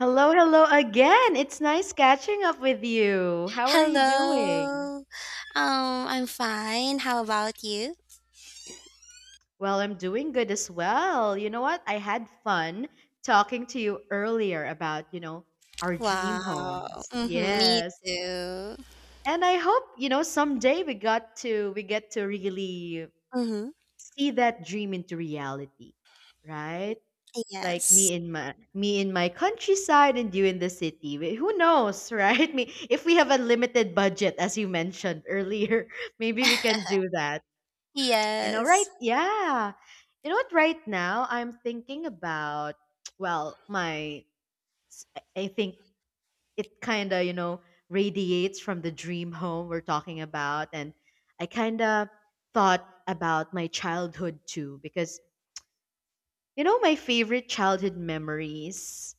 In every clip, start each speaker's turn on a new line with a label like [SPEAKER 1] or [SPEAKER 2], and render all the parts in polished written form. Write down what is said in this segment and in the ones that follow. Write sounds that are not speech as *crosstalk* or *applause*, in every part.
[SPEAKER 1] Hello, hello again. It's nice catching up with you. How are you doing?
[SPEAKER 2] Hello. I'm fine. How about you?
[SPEAKER 1] Well, I'm doing good as well. You know what? I had fun talking to you earlier about, our dream
[SPEAKER 2] Wow.
[SPEAKER 1] homes.
[SPEAKER 2] Mm-hmm, me
[SPEAKER 1] Yes.
[SPEAKER 2] too.
[SPEAKER 1] And I hope, someday we get to really
[SPEAKER 2] Mm-hmm.
[SPEAKER 1] see that dream into reality, right? Like
[SPEAKER 2] Yes.
[SPEAKER 1] me in my countryside, and you in the city. Who knows, right? *laughs* Me, if we have a limited budget as you mentioned earlier, *laughs* maybe we can
[SPEAKER 2] *laughs*
[SPEAKER 1] do that, right?
[SPEAKER 2] Yes.
[SPEAKER 1] Yeah. You know what? Right now I'm thinking about, *tsk* well, my s- I think it kind of radiates from the dream home we're talking about. And I kind of thought about my childhood too, because my favorite childhood memories.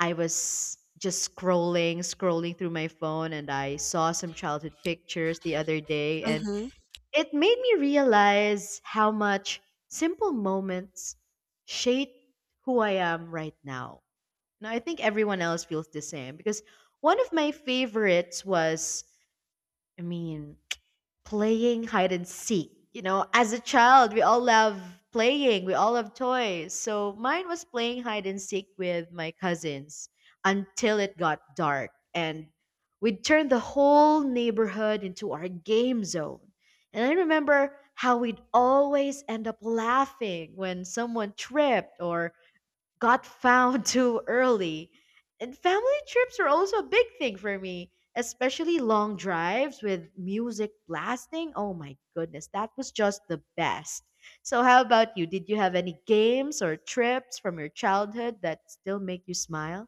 [SPEAKER 1] I was just scrolling, scrolling through my phone, and I saw some childhood pictures the other day, and
[SPEAKER 2] Mm-hmm.
[SPEAKER 1] it made me realize how much simple moments shape who I am right now. Now, I think everyone else feels the same, because one of my favorites was, I mean, playing hide and seek. You know, as a child, we all love playing, we all love toys. So mine was playing hide and seek with my cousins until it got dark. And we'd turn the whole neighborhood into our game zone. And I remember how we'd always end up laughing when someone tripped or got found *laughs* too early. And family trips are also a big thing for me, especially long drives with music blasting. Oh my goodness, that was just the best. So, how about you? Did you have any games or trips from your childhood that still make you smile?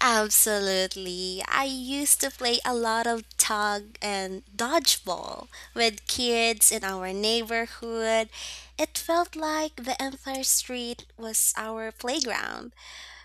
[SPEAKER 2] Absolutely. I used to play a lot of tug and dodgeball with kids in our neighborhood. It felt like the entire street was our playground.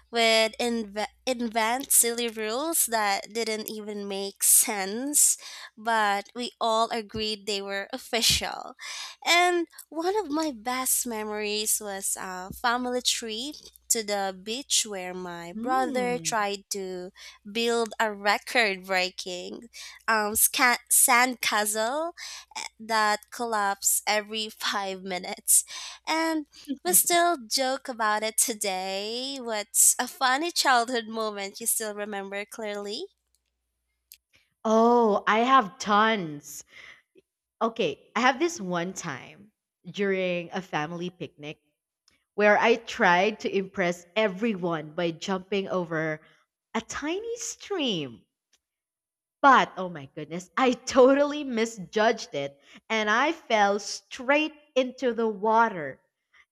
[SPEAKER 2] Would invent silly rules that didn't even make sense, but we all agreed they were official. And one of my best memories was a family trip to the beach where my brother
[SPEAKER 1] Hmm.
[SPEAKER 2] tried to build a record breaking sand castle that collapse every *laughs* 5 minutes. And we
[SPEAKER 1] *laughs*
[SPEAKER 2] still joke about it today. What's a funny childhood moment you still remember clearly?
[SPEAKER 1] Oh, I have tons. Okay, I have this one time during a family picnic, where I tried to impress everyone by jumping over a tiny stream. But oh my goodness, I totally misjudged it, and I fell straight into the water.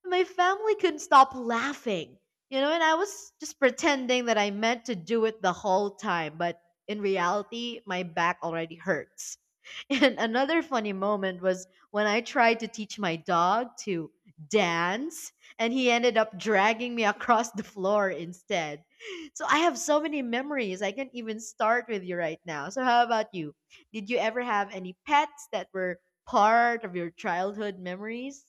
[SPEAKER 1] My family couldn't stop laughing, and I was just pretending that I meant to do it the whole time, but in reality, my back already hurts. *laughs* And another funny moment was when I tried to teach my dog to dance, and he ended up dragging me across the floor instead. So I have so many memories, I can't even start with you right now. So how about you? Did you ever have any pets that were part of your childhood memories?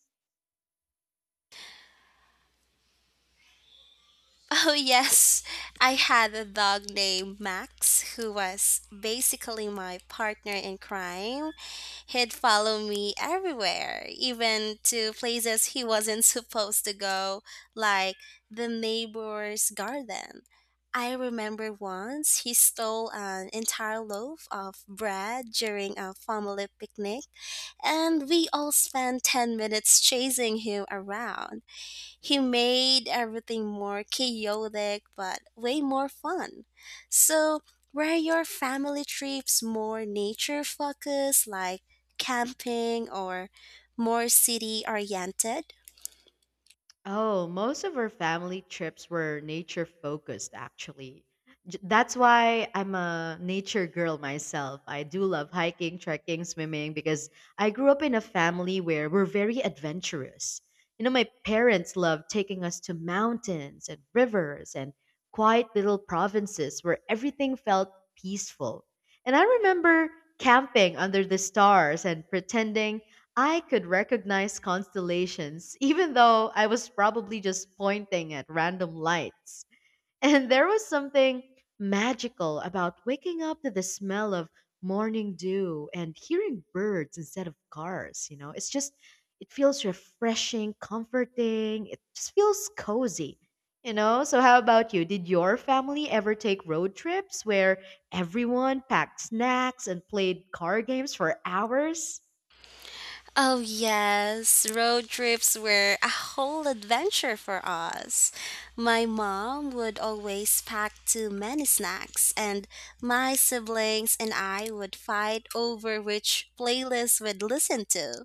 [SPEAKER 2] Oh, yes. I had a dog named Max who was basically my partner in crime. He'd follow me everywhere, even to places he wasn't *laughs* supposed to go, like the neighbor's garden. I remember once he stole an entire loaf of bread during a family picnic, and we all spent 10 minutes chasing him around. He made everything more chaotic but way more fun. So, were your family trips more nature focused, like camping, or more city oriented?
[SPEAKER 1] Oh, most of our family trips were nature focused, actually. That's why I'm a nature girl myself. I do love hiking, trekking, swimming, because I grew up in a family where we're very adventurous. You know, my parents loved taking us to mountains and rivers and quiet little provinces where everything felt peaceful. And I remember camping under the stars and pretending I could recognize constellations, even though I was probably just pointing at random lights. *laughs* And there was something magical about waking up to the smell of morning dew and hearing birds instead of cars. You know, it's just, it feels refreshing, comforting, it just feels cozy. You know, so how about you? Did your family ever take road trips where everyone packed snacks and played card games for hours?
[SPEAKER 2] Oh, yes, road trips were a whole adventure for us. My mom would always pack too many snacks, and my siblings and I would fight over which playlist we'd listen to.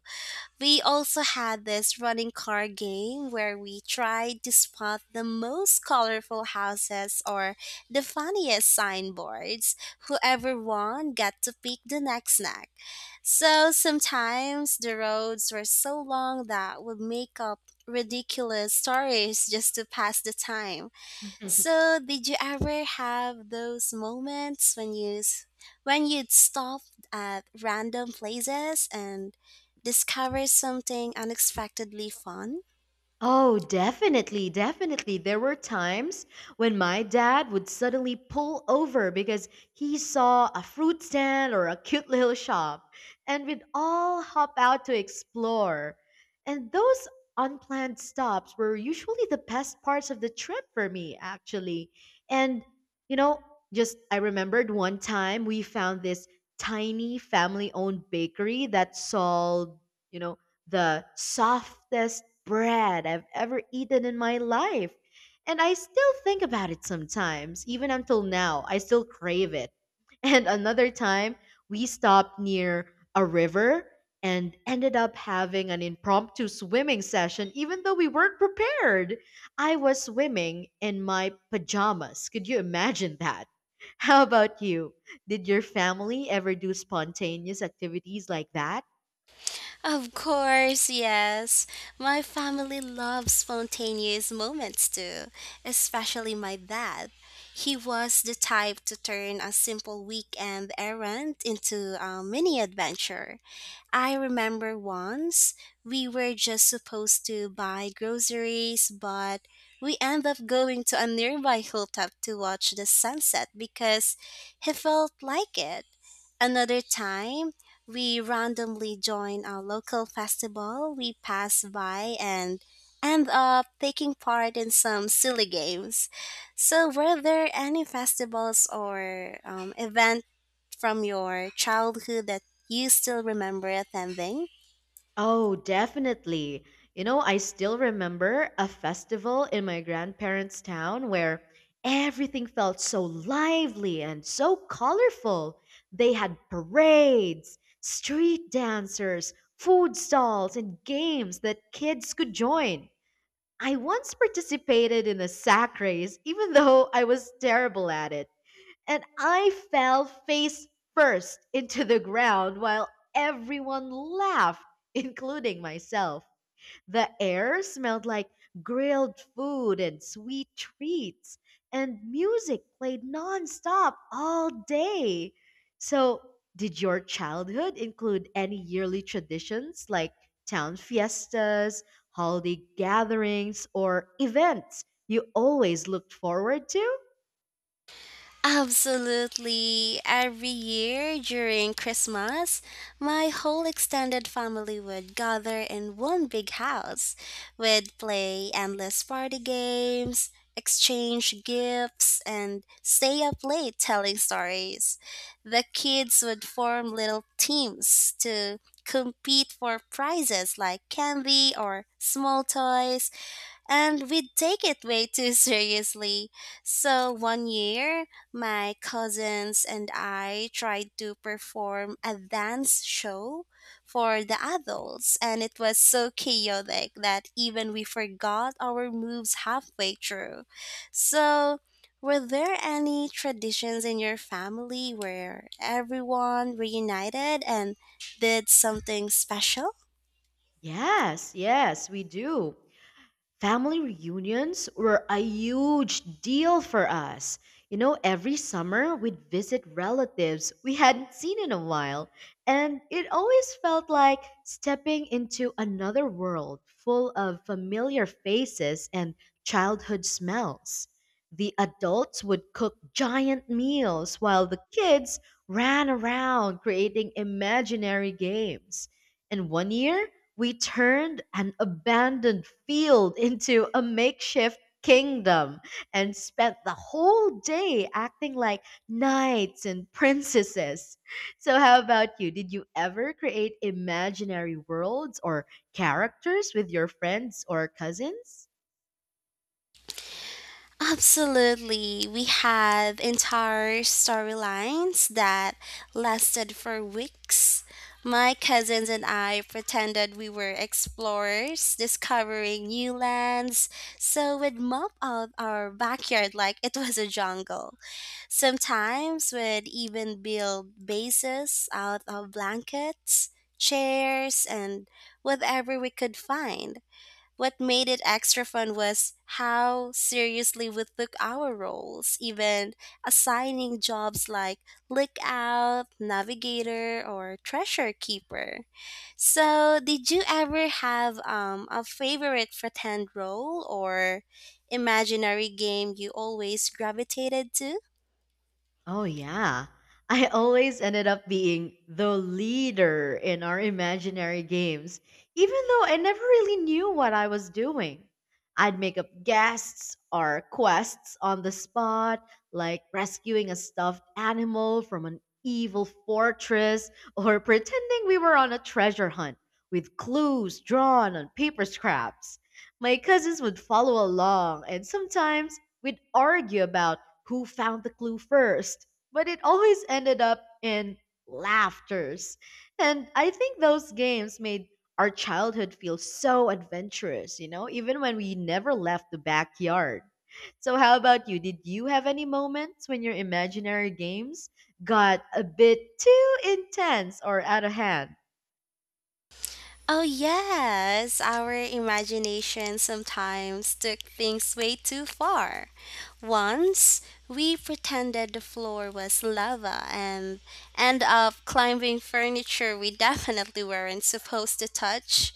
[SPEAKER 2] We also had this running car game where we tried to spot the most colorful houses or the funniest signboards. Whoever won got to pick the next snack. So sometimes the roads were so long that would make up ridiculous stories just to pass the time.
[SPEAKER 1] *laughs*
[SPEAKER 2] So, did you ever have those moments when when you'd stop at random places and discover something unexpectedly fun?
[SPEAKER 1] Oh, definitely, definitely. There were times when my dad would suddenly pull over because he saw a fruit stand or a cute *laughs* little shop, and we'd all hop out to explore. And those unplanned stops were usually the best parts of the trip for me, actually. And, you know, just I remembered one time we found this tiny family owned bakery that sold, you know, the softest bread I've ever eaten in my life. And I still think about it sometimes, even until now. I still crave it. *laughs* And another time, we stopped near a river and ended up having an impromptu swimming session, even though we weren't prepared. I was swimming in my pajamas. Could you imagine that? *laughs* How about you? Did your family ever do spontaneous activities like that?
[SPEAKER 2] Of course, yes. My family loves spontaneous moments too, especially my dad. He was the type to turn a simple weekend errand into a mini adventure. I remember once we were just supposed to buy groceries, but we ended up going to a nearby hilltop to watch the sunset because he felt like it. Another time, we randomly join a local festival we pass by and end up taking part in some silly games. So, were there any festivals or event from your childhood that you still remember attending?
[SPEAKER 1] Oh, definitely. You know, I still remember a festival in my grandparents' town where everything felt so lively and so colorful. They had parades, street dancers, food stalls, and games that kids could join. I once participated in a sack race, even though I was terrible at it, and I fell face first into the ground while everyone laughed, including myself. The air smelled like grilled food and sweet treats, and music played nonstop all day. So, did your childhood include any yearly traditions like town fiestas, holiday gatherings, or events you always looked forward to?
[SPEAKER 2] Absolutely. Every year during Christmas, my whole extended family would gather in one big house. We'd play endless party games, exchange gifts, and stay up late telling stories. The kids would form little teams to compete for prizes like candy or small toys and we take it way too *laughs* seriously. So one year, my cousins and I tried to perform a dance show for the adults, and it was so chaotic that even we forgot our moves halfway through. So, were there any traditions in your family where everyone reunited and did something special?
[SPEAKER 1] Yes, yes, we do. Family reunions were a huge deal for us. You know, every summer we'd visit relatives we hadn't seen in a while, and it always felt like stepping into another world full of familiar faces and childhood smells. The adults would cook giant meals while the kids ran around creating imaginary games. And one year, we turned an abandoned field into a makeshift kingdom and spent the whole day acting like knights and princesses. So, how about you? Did you ever create imaginary worlds or characters with your friends or cousins?
[SPEAKER 2] Absolutely. We had entire storylines that lasted for weeks. My cousins and I pretended we were explorers discovering new lands, so we'd mop out our backyard like it was a jungle. Sometimes we'd even build bases out of blankets, chairs, and whatever we could find. What made it extra fun was how seriously we took our roles, even assigning jobs like lookout, navigator, or treasure keeper. So, did you ever have a favorite pretend role or imaginary game you always gravitated to?
[SPEAKER 1] Oh, yeah. I always ended up being the leader in our imaginary games, even though I never really knew what I was doing. I'd make up guests or quests on the spot, like rescuing a stuffed animal from an evil fortress or *laughs* pretending we were on a treasure hunt with clues drawn on paper scraps. My cousins would follow along, and sometimes we'd argue about who found the clue first, but it always ended up in laughters. And I think those games made our childhood feel so adventurous, even when we never left the backyard. So, how about you? Did you have any moments when your imaginary games got a bit too intense or out of hand?
[SPEAKER 2] Oh, yes, our imagination sometimes took things way too far. Once, we pretended the floor was lava and end up climbing furniture we definitely weren't supposed to touch.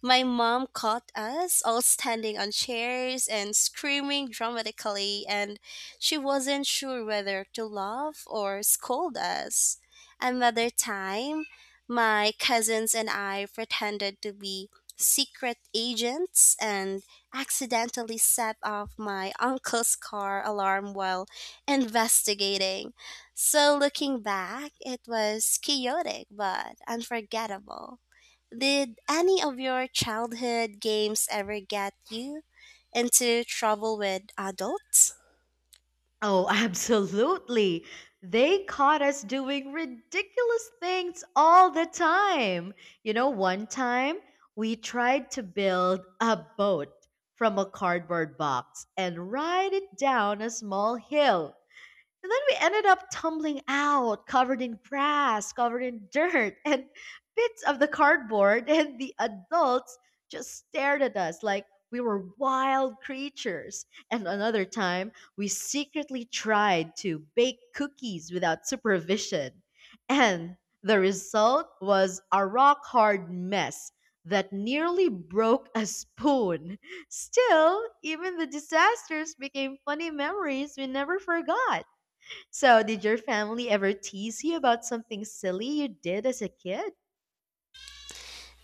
[SPEAKER 2] My mom caught us all standing on chairs and screaming dramatically, and she wasn't sure whether to laugh or scold us. Another time, my cousins and I pretended to be secret agents and accidentally set off my uncle's car alarm while investigating. So, looking back, it was chaotic but unforgettable. Did any of your childhood games ever get you into trouble with adults?
[SPEAKER 1] Oh, *laughs* absolutely. They caught us doing ridiculous things all the time. You know, one time we tried to build a boat from a cardboard box and ride it down a small hill. And then we ended up tumbling out, covered in grass, covered in dirt, *laughs* and bits of the cardboard. And the adults just stared at us like we were wild creatures. And another time, we secretly tried to bake cookies without supervision. And the result was a rock hard mess that nearly broke a spoon. Still, even the disasters became funny memories we never forgot. So, did your family ever tease you about something silly you did as a kid?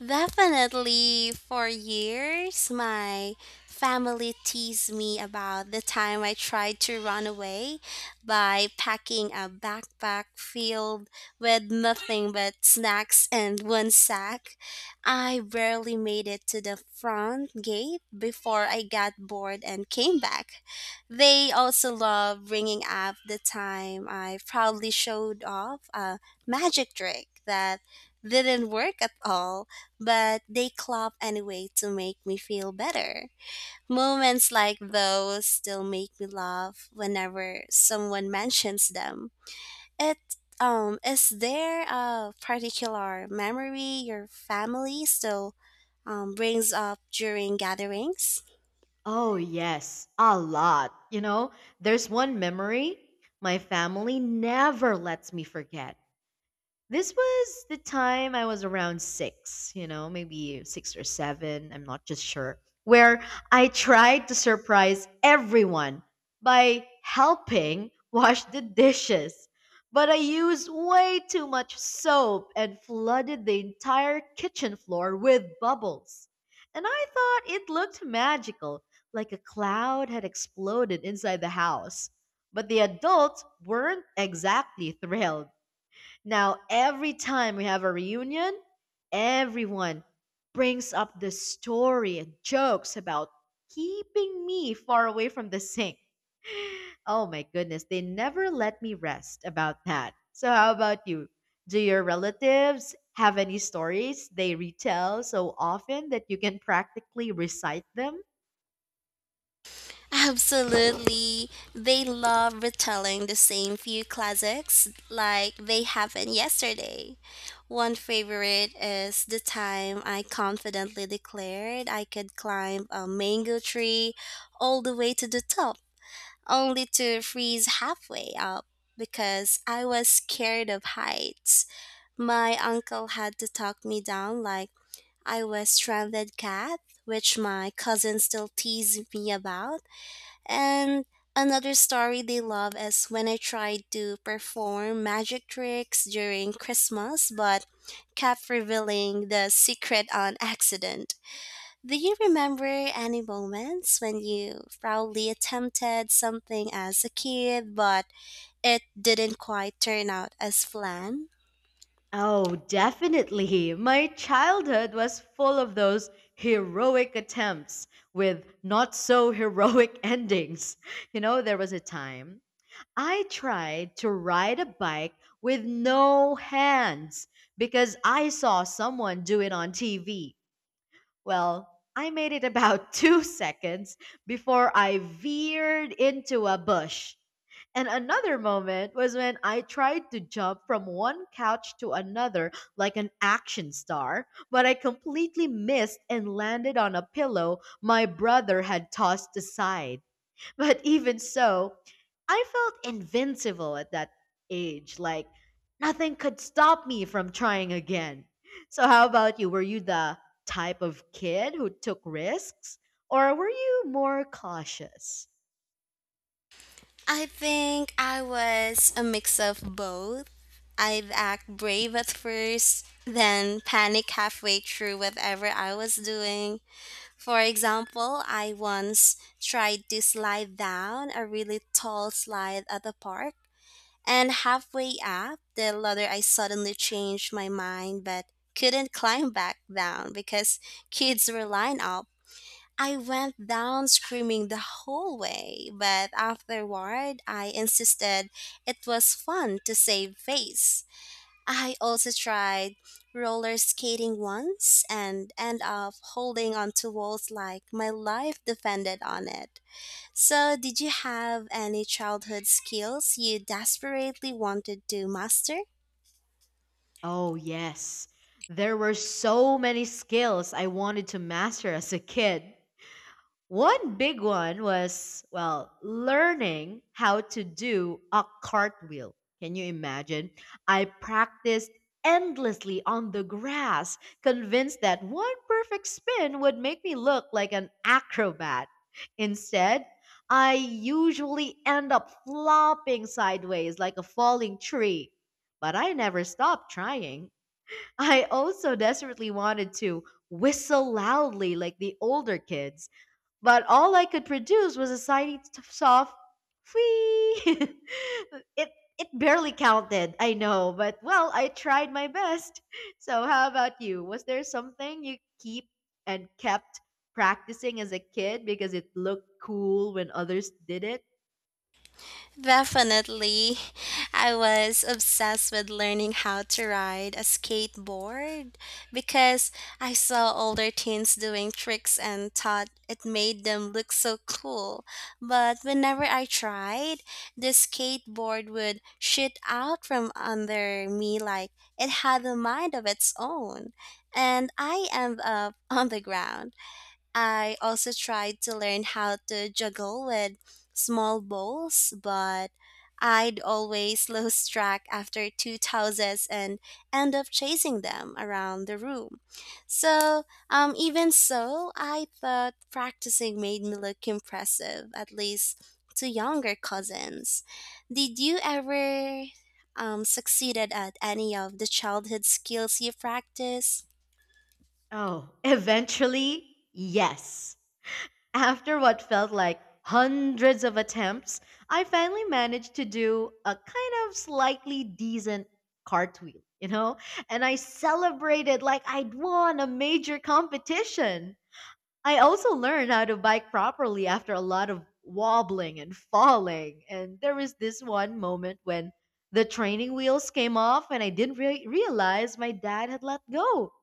[SPEAKER 2] Definitely, for years, my family teased me about the time I tried to run away by packing a backpack filled with nothing but snacks and one sack. I barely made it to the front gate before I got bored and came back. They also love bringing up the time I proudly showed off a magic trick that didn't work at all but they clap anyway to make me feel better. Moments like those still make me laugh whenever someone mentions them. It Is there a particular memory your family still brings up during gatherings?
[SPEAKER 1] Oh, yes, a lot. You know, there's one memory my family never lets me forget. This was the time I was around six, maybe six or seven, I'm not just sure, where I tried to surprise everyone by helping *laughs* wash the dishes. But I used way too much soap and flooded the entire kitchen floor with bubbles. And I thought it looked magical, like a cloud had exploded inside the house. But the adults weren't exactly thrilled. Now, every time we have a reunion, everyone brings up the story and jokes about keeping me far away from the sink. *laughs* Oh my goodness, they never let me rest about that. So, how about you? Do your relatives have any stories they retell so often that you can practically recite them?
[SPEAKER 2] Absolutely. They love retelling the same few classics like they happened yesterday. One favorite is the time I confidently declared I could climb a mango tree all the way to the top, only to freeze halfway up because I was scared of heights. My uncle had to talk me down like I was stranded cat, which my cousin still teases me about and another story they love is when I tried to perform magic tricks during Christmas but kept revealing the secret on accident. Do you remember any moments when you proudly attempted something as a kid but it didn't quite turn out as planned?
[SPEAKER 1] Oh, definitely. My childhood was full of those heroic attempts with not so heroic *laughs* endings. You know, there was a time I tried to ride a bike with no hands because I saw someone do it on TV. Well, I made it about *laughs* 2 seconds before I veered into a bush. And another moment was when I tried to jump from one couch to another like an action star, but I completely missed and landed on a pillow my brother had tossed aside. But even so, I felt invincible at that age. Like, nothing could stop me from trying again. So, how about you? Were you the type of kid who took risks, or were you more cautious?
[SPEAKER 2] I think I was a mix of both. I'd act brave at first, then panic halfway through whatever I was doing. For example, I once tried to slide down a really tall slide at the park, and halfway up the ladder, I suddenly changed my mind but couldn't climb back down because kids were lined up. I went down screaming the whole way, but afterward I insisted it was fun to save face. I also tried roller skating once and end up holding onto walls like my life depended on it. So, did you have any childhood skills you desperately wanted to master?
[SPEAKER 1] Oh, yes. There were so many skills I wanted to master as a kid. One big one was, well, learning how to do a cartwheel. Can you imagine? I practiced endlessly on the grass, convinced that one perfect spin would make me look like an acrobat. Instead, I usually end up flopping sideways like a falling tree. But I never stopped trying. *laughs* I also desperately wanted to whistle loudly like the older kids, but all I could produce was a tiny soft whee. *laughs* it it barely counted, I know, but well, I tried my best. *laughs* So how about you? Was there something you keep and kept practicing as a kid because it looked cool when others did it?
[SPEAKER 2] Definitely. I was obsessed with learning how to ride a skateboard because I saw older teens doing tricks and thought it made them look so cool. But whenever I tried, the skateboard would shoot out from under me like it had a mind of its own, and I end up *laughs* on the ground. I also tried to learn how to juggle with small bowls, but I'd always *laughs* lose track after two tosses and end up chasing them around the room. So, even so, I thought practicing made me look impressive, at least to younger cousins. Did you ever succeeded at any of the childhood skills you practiced?
[SPEAKER 1] Oh, *laughs* eventually, yes. After what felt like hundreds of attempts, I finally managed to do a kind of slightly decent cartwheel, And I celebrated like I'd won a major competition. I also learned how to bike properly after a lot of wobbling and falling. And there was this one moment when the training wheels came off and I didn't realize my dad had let go.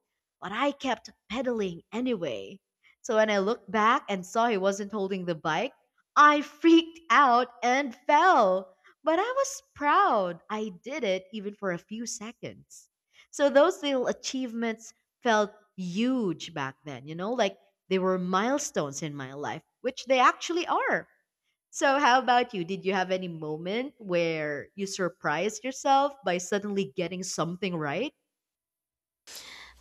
[SPEAKER 1] But I kept pedaling anyway. So when I looked back and saw he wasn't holding the bike, I freaked out and fell. But I was proud. I did it even for a few seconds. So those little achievements felt huge back then, like they were milestones in my life, which they actually are. So, how about you? Did you have any moment where you surprised yourself by suddenly getting something right?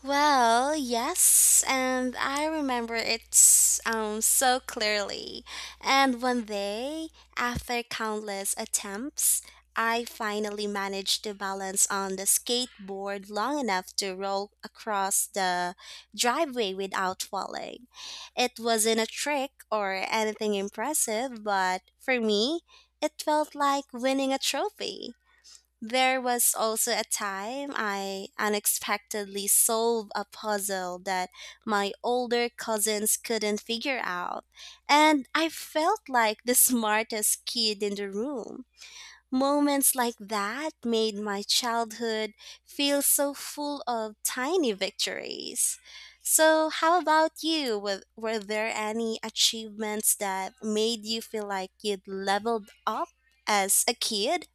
[SPEAKER 2] Well, yes, and I remember it so clearly. And one day, after countless attempts, I finally managed to balance on the skateboard long enough to roll across the driveway without falling. It wasn't a trick or anything impressive, but for me, it felt like winning a trophy. There was also a time I unexpectedly solved a puzzle that my older cousins couldn't figure out, and I felt like the *laughs* smartest kid in the room. Moments like that made my childhood feel so full of tiny victories. So, how about you? Were there any achievements that made you feel like you'd leveled up as a kid?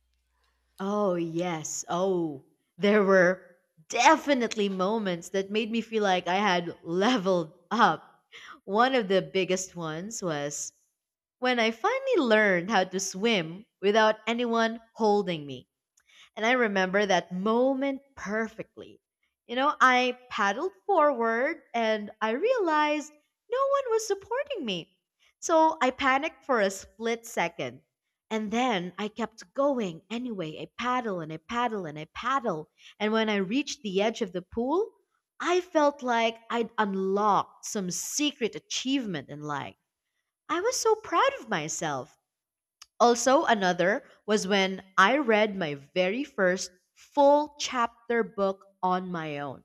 [SPEAKER 1] Oh, yes. Oh, there were definitely moments that made me feel like I had leveled up. One of the biggest ones was when I finally learned how to swim without anyone holding me. And I remember that moment perfectly. I paddled forward and I realized no one was supporting me. So I panicked for a split second. And then I kept going anyway. I paddle and I paddle and I paddle. And when I reached the edge of the pool, I felt like I'd unlocked some secret achievement in life. I was so proud of myself. Also, another was when I read my very first full chapter book on my own.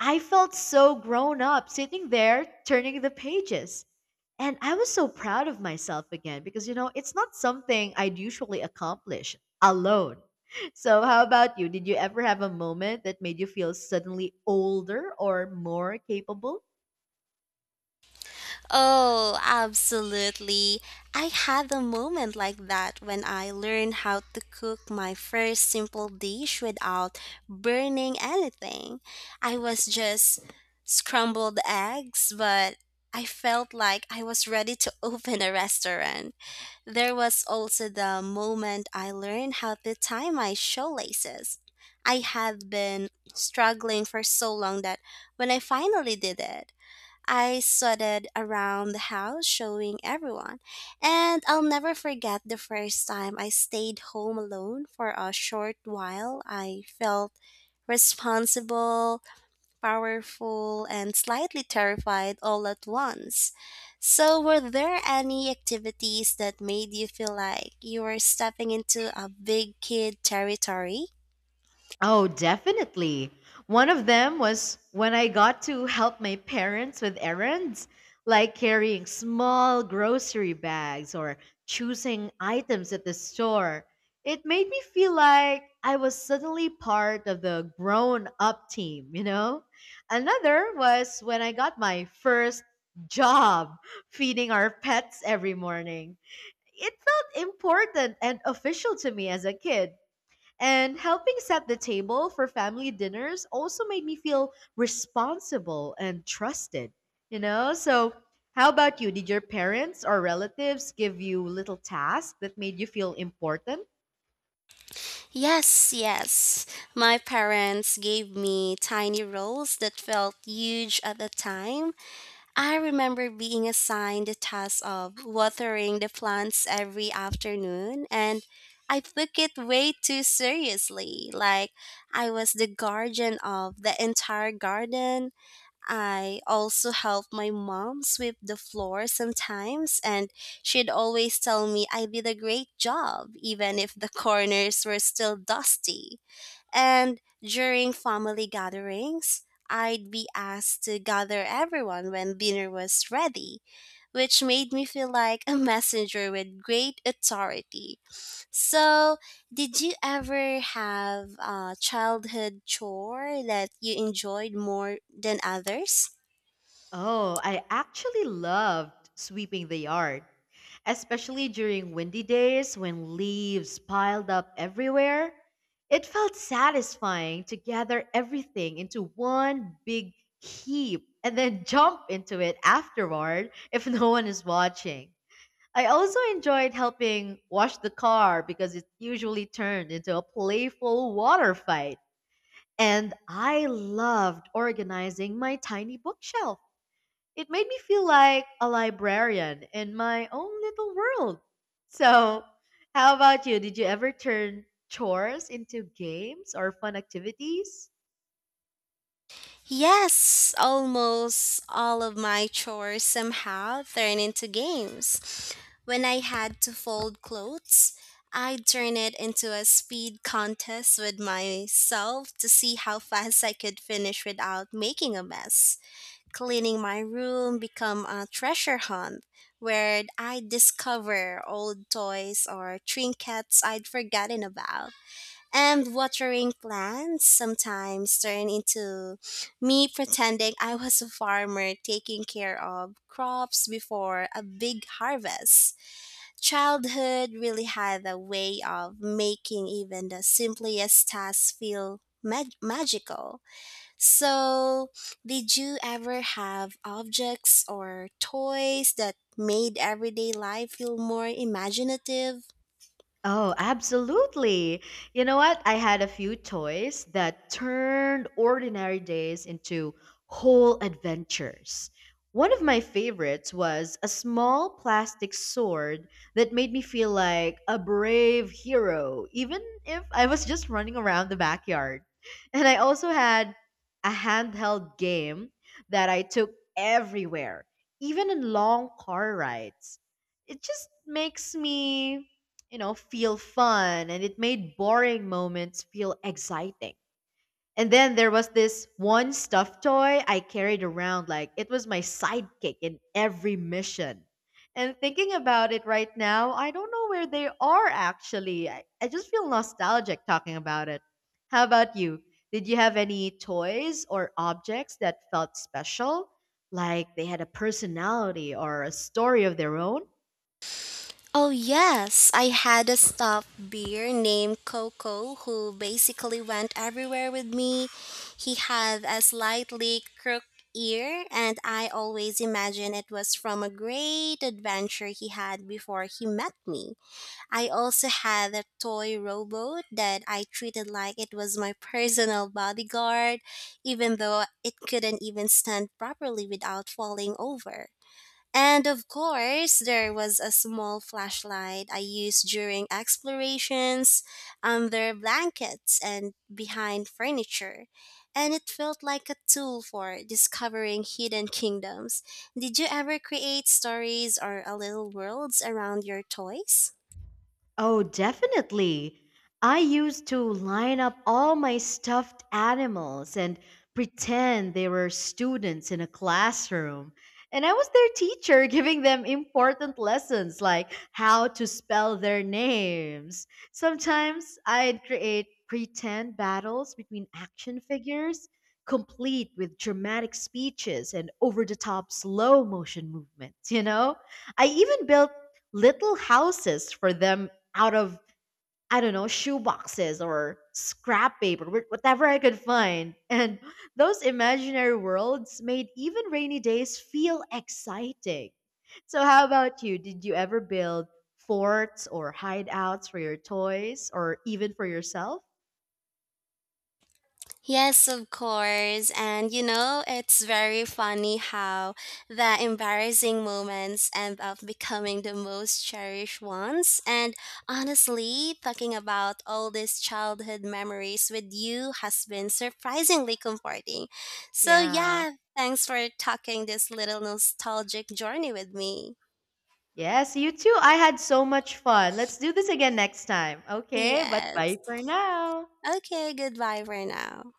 [SPEAKER 1] I felt so grown up sitting there turning the pages. And I was so proud of myself again because, it's not something I'd usually accomplish alone. *laughs* So, how about you? Did you ever have a moment that made you feel suddenly older or more capable?
[SPEAKER 2] Oh, absolutely. I had a moment like that when I learned how to cook my first simple dish without burning anything. I was just scrambled eggs, but I felt like I was ready to *laughs* open a restaurant. There was also the moment I learned how to tie my shoelaces. I had been struggling for so long that when I finally did it, I strutted around the house showing everyone, and I'll never forget the first time I stayed home alone for a short while. I felt responsible, powerful, and slightly terrified all at once. So, were there any activities that made you feel like you were stepping into a big kid territory?
[SPEAKER 1] Oh, definitely. One of them was when I got to help my parents with errands, like carrying small grocery bags or choosing items at the store. It made me feel like I was suddenly part of the grown up team? Another was when I got my first job feeding our pets every morning. It felt important and official to me as a kid and helping set the table for family dinners also made me feel responsible and trusted? So, how about you? Did your parents or relatives give you little tasks that made you feel important?
[SPEAKER 2] Yes, yes. My parents gave me tiny roles that felt huge at the time. I remember being assigned the task of watering the plants every afternoon, and I took it way too seriously. Like, I was the guardian of the entire garden. I also help my mom sweep the floor sometimes, and she'd always tell me I did a great job, even if the *laughs* corners were still dusty. And during family gatherings, I'd be asked to gather everyone when dinner was ready, which made me feel like a messenger with great authority. So, did you ever have a childhood chore that you enjoyed more than others?
[SPEAKER 1] Oh, I actually loved sweeping the yard, especially during windy days when leaves piled up everywhere. It felt satisfying to gather everything into one big heap and then *laughs* jump into it afterward if no one is watching. I also enjoyed helping wash the car because it usually turned into a playful water fight. And I loved organizing my tiny bookshelf. It made me feel like a librarian in my own little world. So, how about you? Did you ever turn chores into games or fun activities?
[SPEAKER 2] Yes, almost all of my chores somehow turn into games. When I had to fold clothes, I'd turn it into a speed contest with myself to see how fast I could finish without making a mess. Cleaning my room become a treasure hunt where I discover old toys or trinkets I'd forgotten about and watering plants sometimes turn into me pretending I was a farmer taking care of crops before a big harvest. Childhood really had a way of making even the simplest tasks feel magical. So, did you ever have objects or toys that made everyday life feel more imaginative?
[SPEAKER 1] Oh, absolutely. You know what? I had a few toys that turned ordinary days into whole adventures. One of my favorites was a small plastic sword that made me feel like a brave hero, even if I was just running around the backyard. And I also had a handheld game that I took everywhere, even in long car rides. It just makes me, feel fun, and it made boring moments feel exciting. And then there was this one stuffed toy I carried around like it was my sidekick in every mission. And thinking about it right now, I don't know where they are actually. I just feel nostalgic talking about it. How about you? Did you have any toys or objects that felt special? Like they had a personality or a story of their own?
[SPEAKER 2] Oh, yes. I had a staff beer named Coco who basically went everywhere with me. He had a slightly crooked ear, and I always imagine it was from a great adventure he had before he met me. I also had a toy rowboat that I treated like it was my personal bodyguard, even though it couldn't even stand properly without falling over. And of course, there was a small flashlight I used during explorations under blankets and behind furniture. And it felt like a tool for discovering hidden kingdoms. Did you ever create stories or a little worlds around your toys?
[SPEAKER 1] Oh, definitely. I used to line up all my stuffed animals and pretend they were students in a classroom. And I was their teacher, *laughs* giving them important lessons like how to spell their names. Sometimes I'd create pretend battles between action figures, complete with dramatic speeches and over the top slow motion movements? I even built little houses for them out of, I don't know, shoe boxes or scrap paper, whatever I could find. *laughs* And those imaginary worlds made even rainy days feel exciting. So how about you? Did you ever build forts or hideouts for your toys or even for yourself?
[SPEAKER 2] Yes, of course. And you know, it's very funny how the embarrassing moments end up becoming the most cherished ones. And honestly, talking about all these childhood memories with you has been surprisingly comforting. So, yeah,
[SPEAKER 1] Yeah.
[SPEAKER 2] thanks for talking this little nostalgic journey with me.
[SPEAKER 1] Yes, you too. I had so much fun. Let's do this again next time. Okay, but bye
[SPEAKER 2] Yes.
[SPEAKER 1] for now.
[SPEAKER 2] Okay, goodbye for now.